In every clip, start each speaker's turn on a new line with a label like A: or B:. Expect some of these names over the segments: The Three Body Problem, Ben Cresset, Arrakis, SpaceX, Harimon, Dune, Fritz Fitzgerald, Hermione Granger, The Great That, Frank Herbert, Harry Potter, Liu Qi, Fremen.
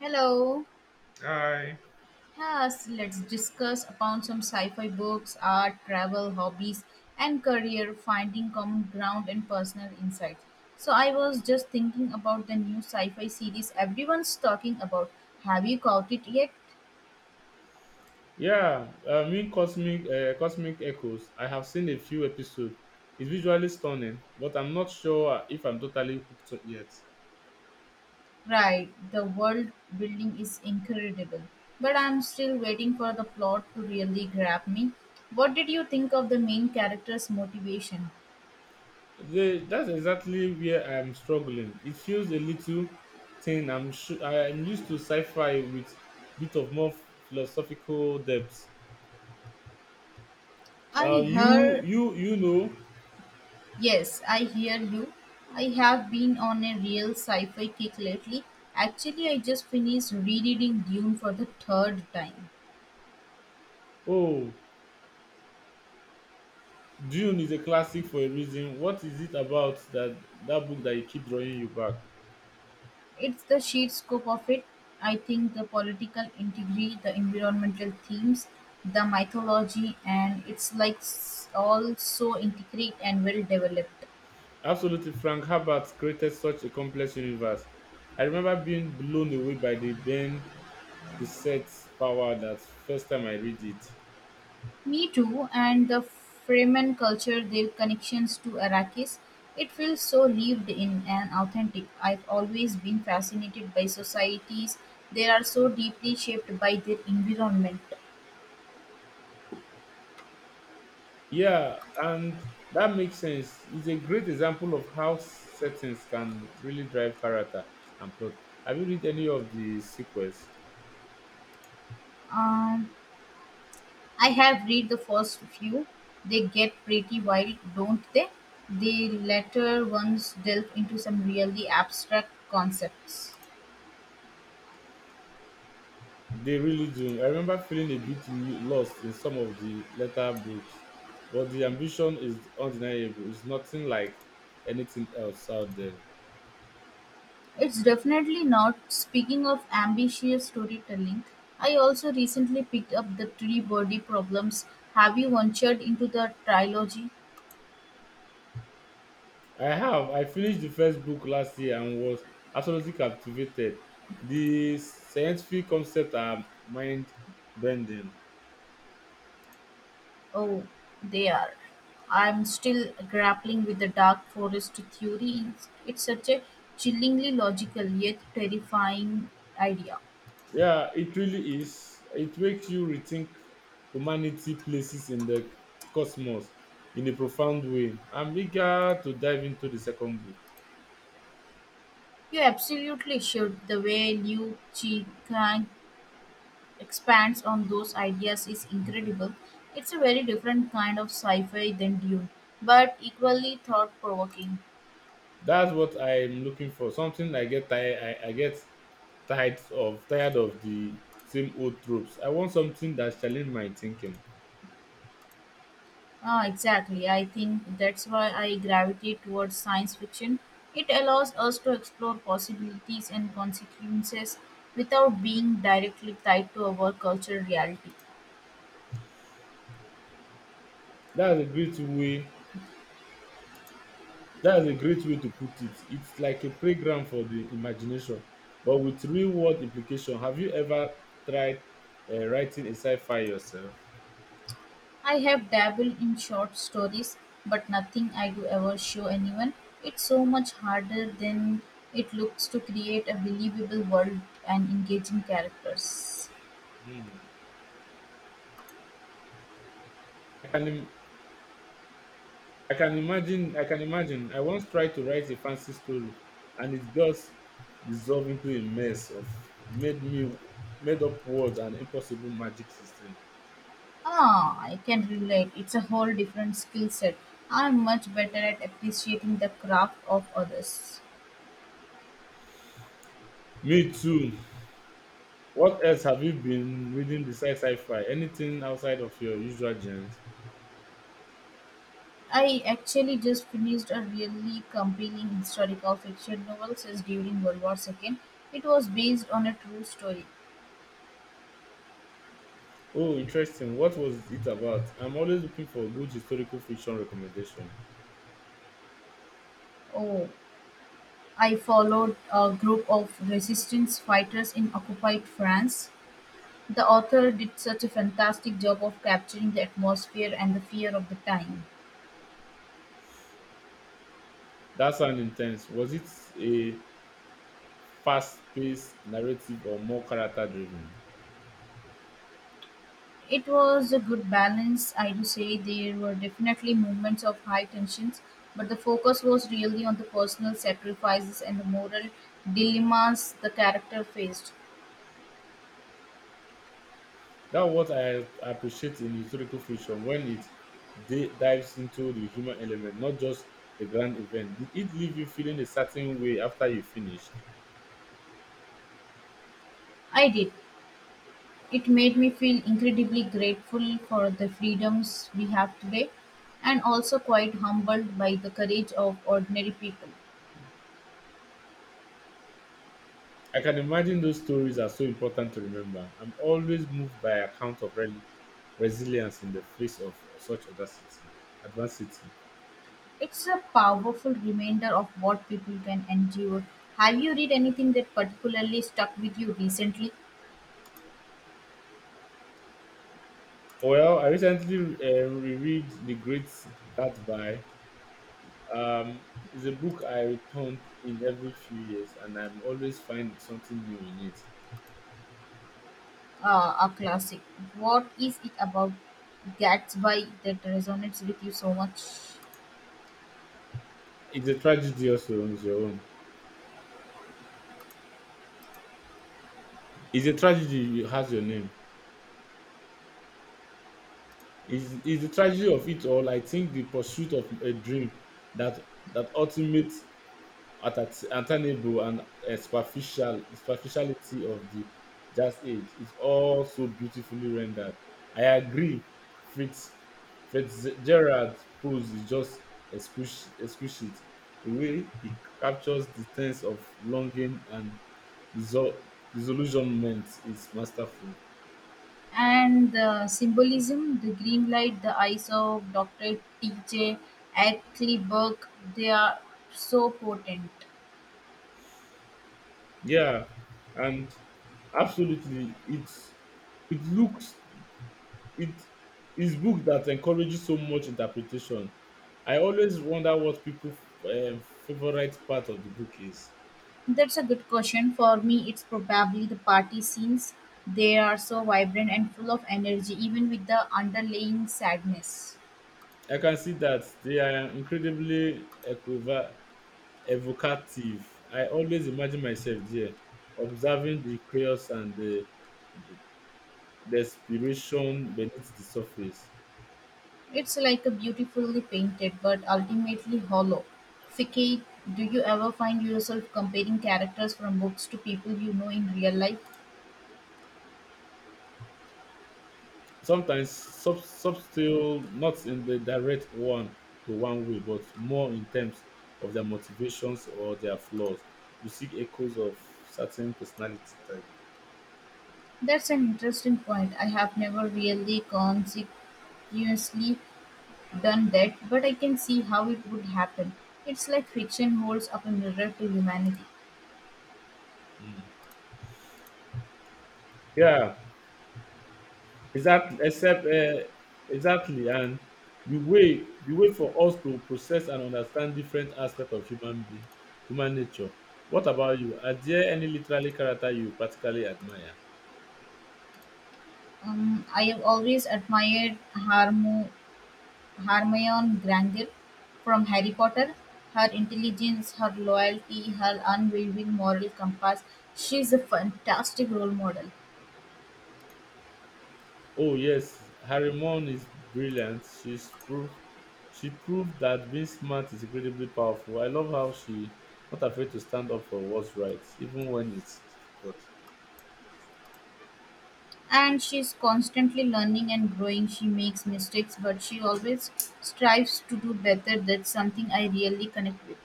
A: Hello.
B: Hi.
A: Yes, let's discuss upon some sci-fi books, art, travel, hobbies, and career, finding common ground and personal insights. So I was just thinking about the new sci-fi series everyone's talking about. Have you caught it yet?
B: Yeah, I mean cosmic cosmic echoes. I have seen a few episodes. It's visually stunning, but I'm not sure if I'm totally hooked yet.
A: Right, the world building is incredible. But I'm still waiting for the plot to really grab me. What did you think of the main character's motivation?
B: That's exactly where I'm struggling. It feels a little thin. I'm used to sci-fi with bit of more philosophical depth. Uh,
A: I
B: you
A: heard.
B: you you know.
A: Yes, I hear you. I have been on a real sci fi kick lately. Actually, I just finished rereading Dune for the third time.
B: Oh, Dune is a classic for a reason. What is it about that book that you keep drawing you back?
A: It's the sheer scope of it. I think the political integrity, the environmental themes, the mythology, and it's like all so intricate and well developed.
B: Absolutely, Frank Herbert created such a complex universe. I remember being blown away by the Ben Cresset's power that first time I read it.
A: Me too, and the Fremen culture, their connections to Arrakis. It feels so lived in and authentic. I've always been fascinated by societies. They are so deeply shaped by their environment.
B: Yeah, and that makes sense. It's a great example of how settings can really drive character and plot. Have you read any of the sequels?
A: Um, I have read the first few. They get pretty wild, don't they? The latter ones delve into some really abstract concepts.
B: They really do. I remember feeling a bit lost in some of the later books, but the ambition is undeniable. It's nothing like anything else out there.
A: It's definitely not. Speaking of ambitious storytelling, I also recently picked up The Three Body Problems. Have you ventured into the trilogy?
B: I have. I finished the first book last year and was absolutely captivated. The scientific concepts are mind bending.
A: Oh, they are. I'm still grappling with the dark forest theory. It's such a chillingly logical yet terrifying idea.
B: Yeah, it really is. It makes you rethink humanity places in the cosmos in a profound way. I'm eager to dive into the second book.
A: You absolutely should. The way Liu Qi expands on those ideas is incredible. It's a very different kind of sci-fi than Dune, but equally thought-provoking.
B: That's what I'm looking for. Something I get tired. I get tired of the same old tropes. I want something that challenge my thinking.
A: Ah, exactly. I think that's why I gravitate towards science fiction. It allows us to explore possibilities and consequences without being directly tied to our cultural reality.
B: That's a great way That's a great way to put it. It's like a playground for the imagination, but with real world implication. Have you ever tried writing a sci-fi yourself?
A: I have dabbled in short stories, but nothing I do ever show anyone. It's so much harder than it looks to create a believable world and engaging characters.
B: Hmm. I can im- I can imagine I can imagine. I once tried to write a fancy story, and it just dissolved into a mess of made me made up words and impossible magic system.
A: Ah, I can relate. It's a whole different skill set. I'm much better at appreciating the craft of others.
B: Me too. What else have you been reading besides sci-fi? Anything outside of your usual genre?
A: I actually just finished a really compelling historical fiction novel set during World War II. It was based on a true story.
B: Oh, interesting. What was it about? I'm always looking for good historical fiction recommendation.
A: Oh, I followed a group of resistance fighters in occupied France. The author did such a fantastic job of capturing the atmosphere and the fear of the time.
B: That sounds intense. Was it a fast-paced narrative or more character-driven?
A: It was a good balance, I do say. There were definitely moments of high tensions, but the focus was really on the personal sacrifices and the moral dilemmas the character faced.
B: That's what I appreciate in historical fiction when it dives into the human element, not just the grand event. Did it leave you feeling a certain way after you finished?
A: I did. It made me feel incredibly grateful for the freedoms we have today and also quite humbled by the courage of ordinary people.
B: I can imagine those stories are so important to remember. I'm always moved by accounts of resilience in the face of such audacity, adversity.
A: It's a powerful reminder of what people can endure. Have you read anything that particularly stuck with you recently?
B: Well, I recently reread The Great That by. Um, it's a book I return in every few years, and I'm always find something new in it.
A: A classic. What is it about Gatsby that resonates with you so much?
B: It's a tragedy also on its your own. It's a tragedy it has your name. It's the tragedy of it all. I think the pursuit of a dream that that attainable and superficiality of the jazz age is also beautifully rendered. I agree, Fritz Fitzgerald's pose is just exquisite. The way he captures the sense of longing and disol- disillusionment is masterful.
A: And the symbolism, the green light, the eyes of Dr. T.J. Eckleburg, they are so potent.
B: Yeah, and absolutely, it's it looks It his book that encourages so much interpretation. I always wonder what people's uh, favorite part of the book is.
A: That's a good question. For me, it's probably the party scenes. They are so vibrant and full of energy, even with the underlying sadness.
B: I can see that they are incredibly evocative. I always imagine myself there, observing the chaos and the desperation beneath the surface.
A: It's like a beautifully painted but ultimately hollow. Fiki, do you ever find yourself comparing characters from books to people you know in real life?
B: Sometimes subtle, not in the direct one to one way, but more in terms of their motivations or their flaws, you see echoes of certain personality type.
A: That's an interesting point. I have never really consequently done that, but I can see how it would happen. It's like fiction holds up a mirror to humanity.
B: Mm. Yeah, exactly except uh, exactly, and the way for us to process and understand different aspects of human nature. What about you, are there any literary character you practically admire?
A: I have always admired Hermione Granger from Harry Potter. Her intelligence, her loyalty, her unwavering moral compass. She's a fantastic role model.
B: Oh yes, Harimon is brilliant. She's proof. She proved that being smart is incredibly powerful. I love how she not afraid to stand up for what's right, even when it's difficult.
A: And she's constantly learning and growing. She makes mistakes, but she always strives to do better. That's something I really connect with.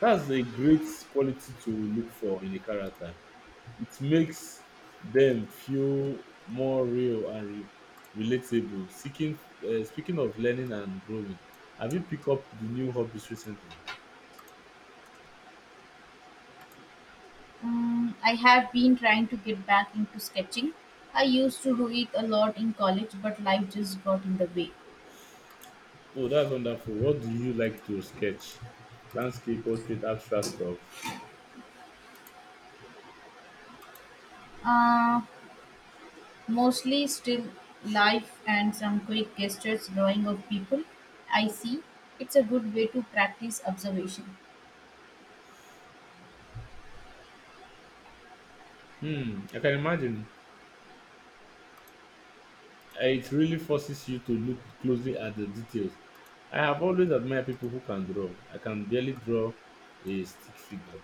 B: That's a great quality to look for in a character. It makes them feel more real and relatable. Speaking of learning and growing, have you picked up the new hobbies recently?
A: I have been trying to get back into sketching. I used to do it a lot in college, but life just got in the way.
B: Oh, that's wonderful. What do you like to sketch? Landscape, portrait, abstract stuff?
A: uh, mostly still life and some quick gestures drawing of people. I see, it's a good way to practice observation.
B: Hmm, I can imagine. It really forces you to look closely at the details. I have always admired people who can draw. I can barely draw a stick figure.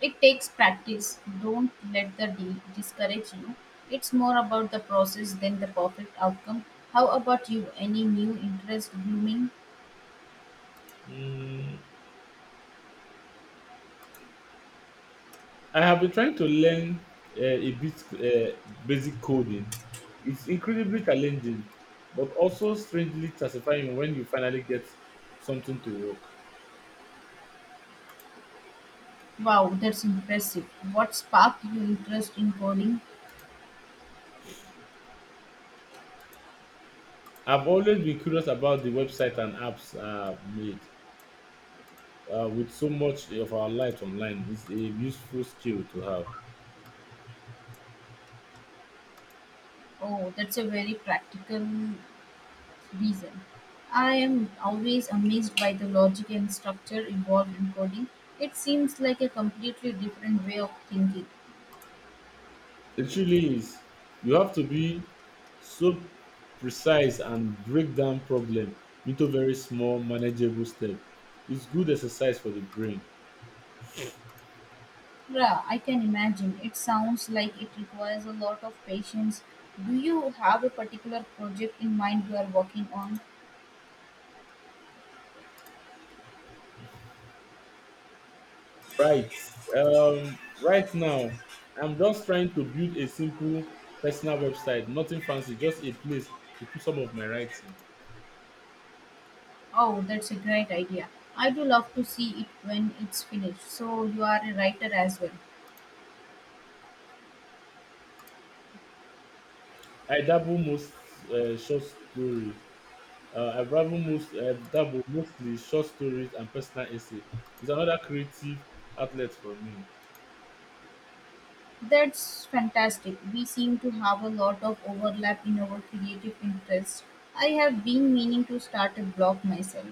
A: It takes practice. Don't let the deal discourage you. It's more about the process than the perfect outcome. How about you? Any new interest blooming?
B: Hmm, I have been trying to learn a bit basic coding. It's incredibly challenging, but also strangely satisfying when you finally get something to work.
A: Wow, that's impressive. What sparked your interest in coding?
B: I've always been curious about the website and apps are made. With so much of our life online, it's a useful skill to have.
A: Oh, that's a very practical reason. I am always amazed by the logic and structure involved in coding. It seems like a completely different way of thinking.
B: It really is. You have to be so precise and break down problem into very small, manageable step. It's good exercise for the brain.
A: Yeah, I can imagine. It sounds like it requires a lot of patience. Do you have a particular project in mind you are working on?
B: Right. Right now, I'm just trying to build a simple personal website. Nothing fancy, just a place to put some of my writing.
A: Oh, that's a great idea. I do love to see it when it's finished. So, you are a writer as well.
B: I dabble most short story. I dabble most dabble mostly short stories and personal essay. It's another creative outlet for me.
A: That's fantastic. We seem to have a lot of overlap in our creative interests. I have been meaning to start a blog myself.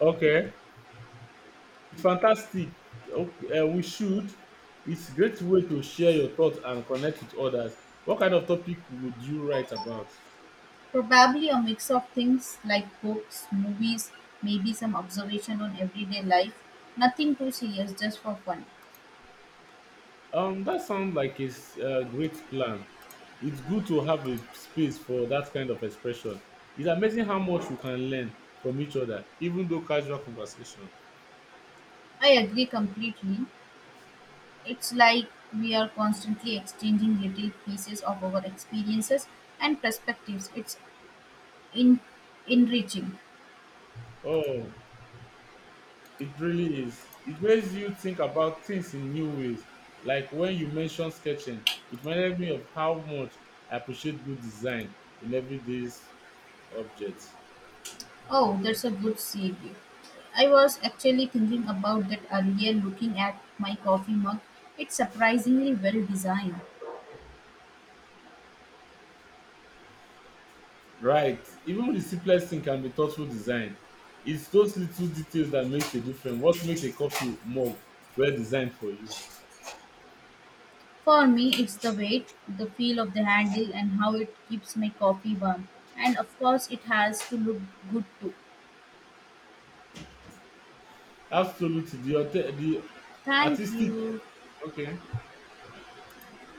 B: Okay, it's fantastic. Okay, we should. It's a great way to share your thoughts and connect with others. What kind of topic would you write about?
A: Probably a mix of things like books, movies, maybe some observation on everyday life. Nothing too serious, just for fun.
B: That sounds like a great plan. It's good to have a space for that kind of expression. It's amazing how much we can learn from each other, even though casual conversation.
A: I agree completely. It's like we are constantly exchanging little pieces of our experiences and perspectives. It's in enriching.
B: Oh, it really is. It makes you think about things in new ways. Like when you mentioned sketching, it reminded me of how much I appreciate good design in everyday's objects.
A: Oh, that's a good segue. I was actually thinking about that earlier looking at my coffee mug. It's surprisingly well designed.
B: Right. Even the simplest thing can be thoughtful design. It's those little details that makes a difference. What makes a coffee mug well designed for you?
A: For me, it's the weight, the feel of the handle, and how it keeps my coffee warm. And of course, it has to look good too.
B: Absolutely. The
A: Thank
B: artistic.
A: you.
B: Okay.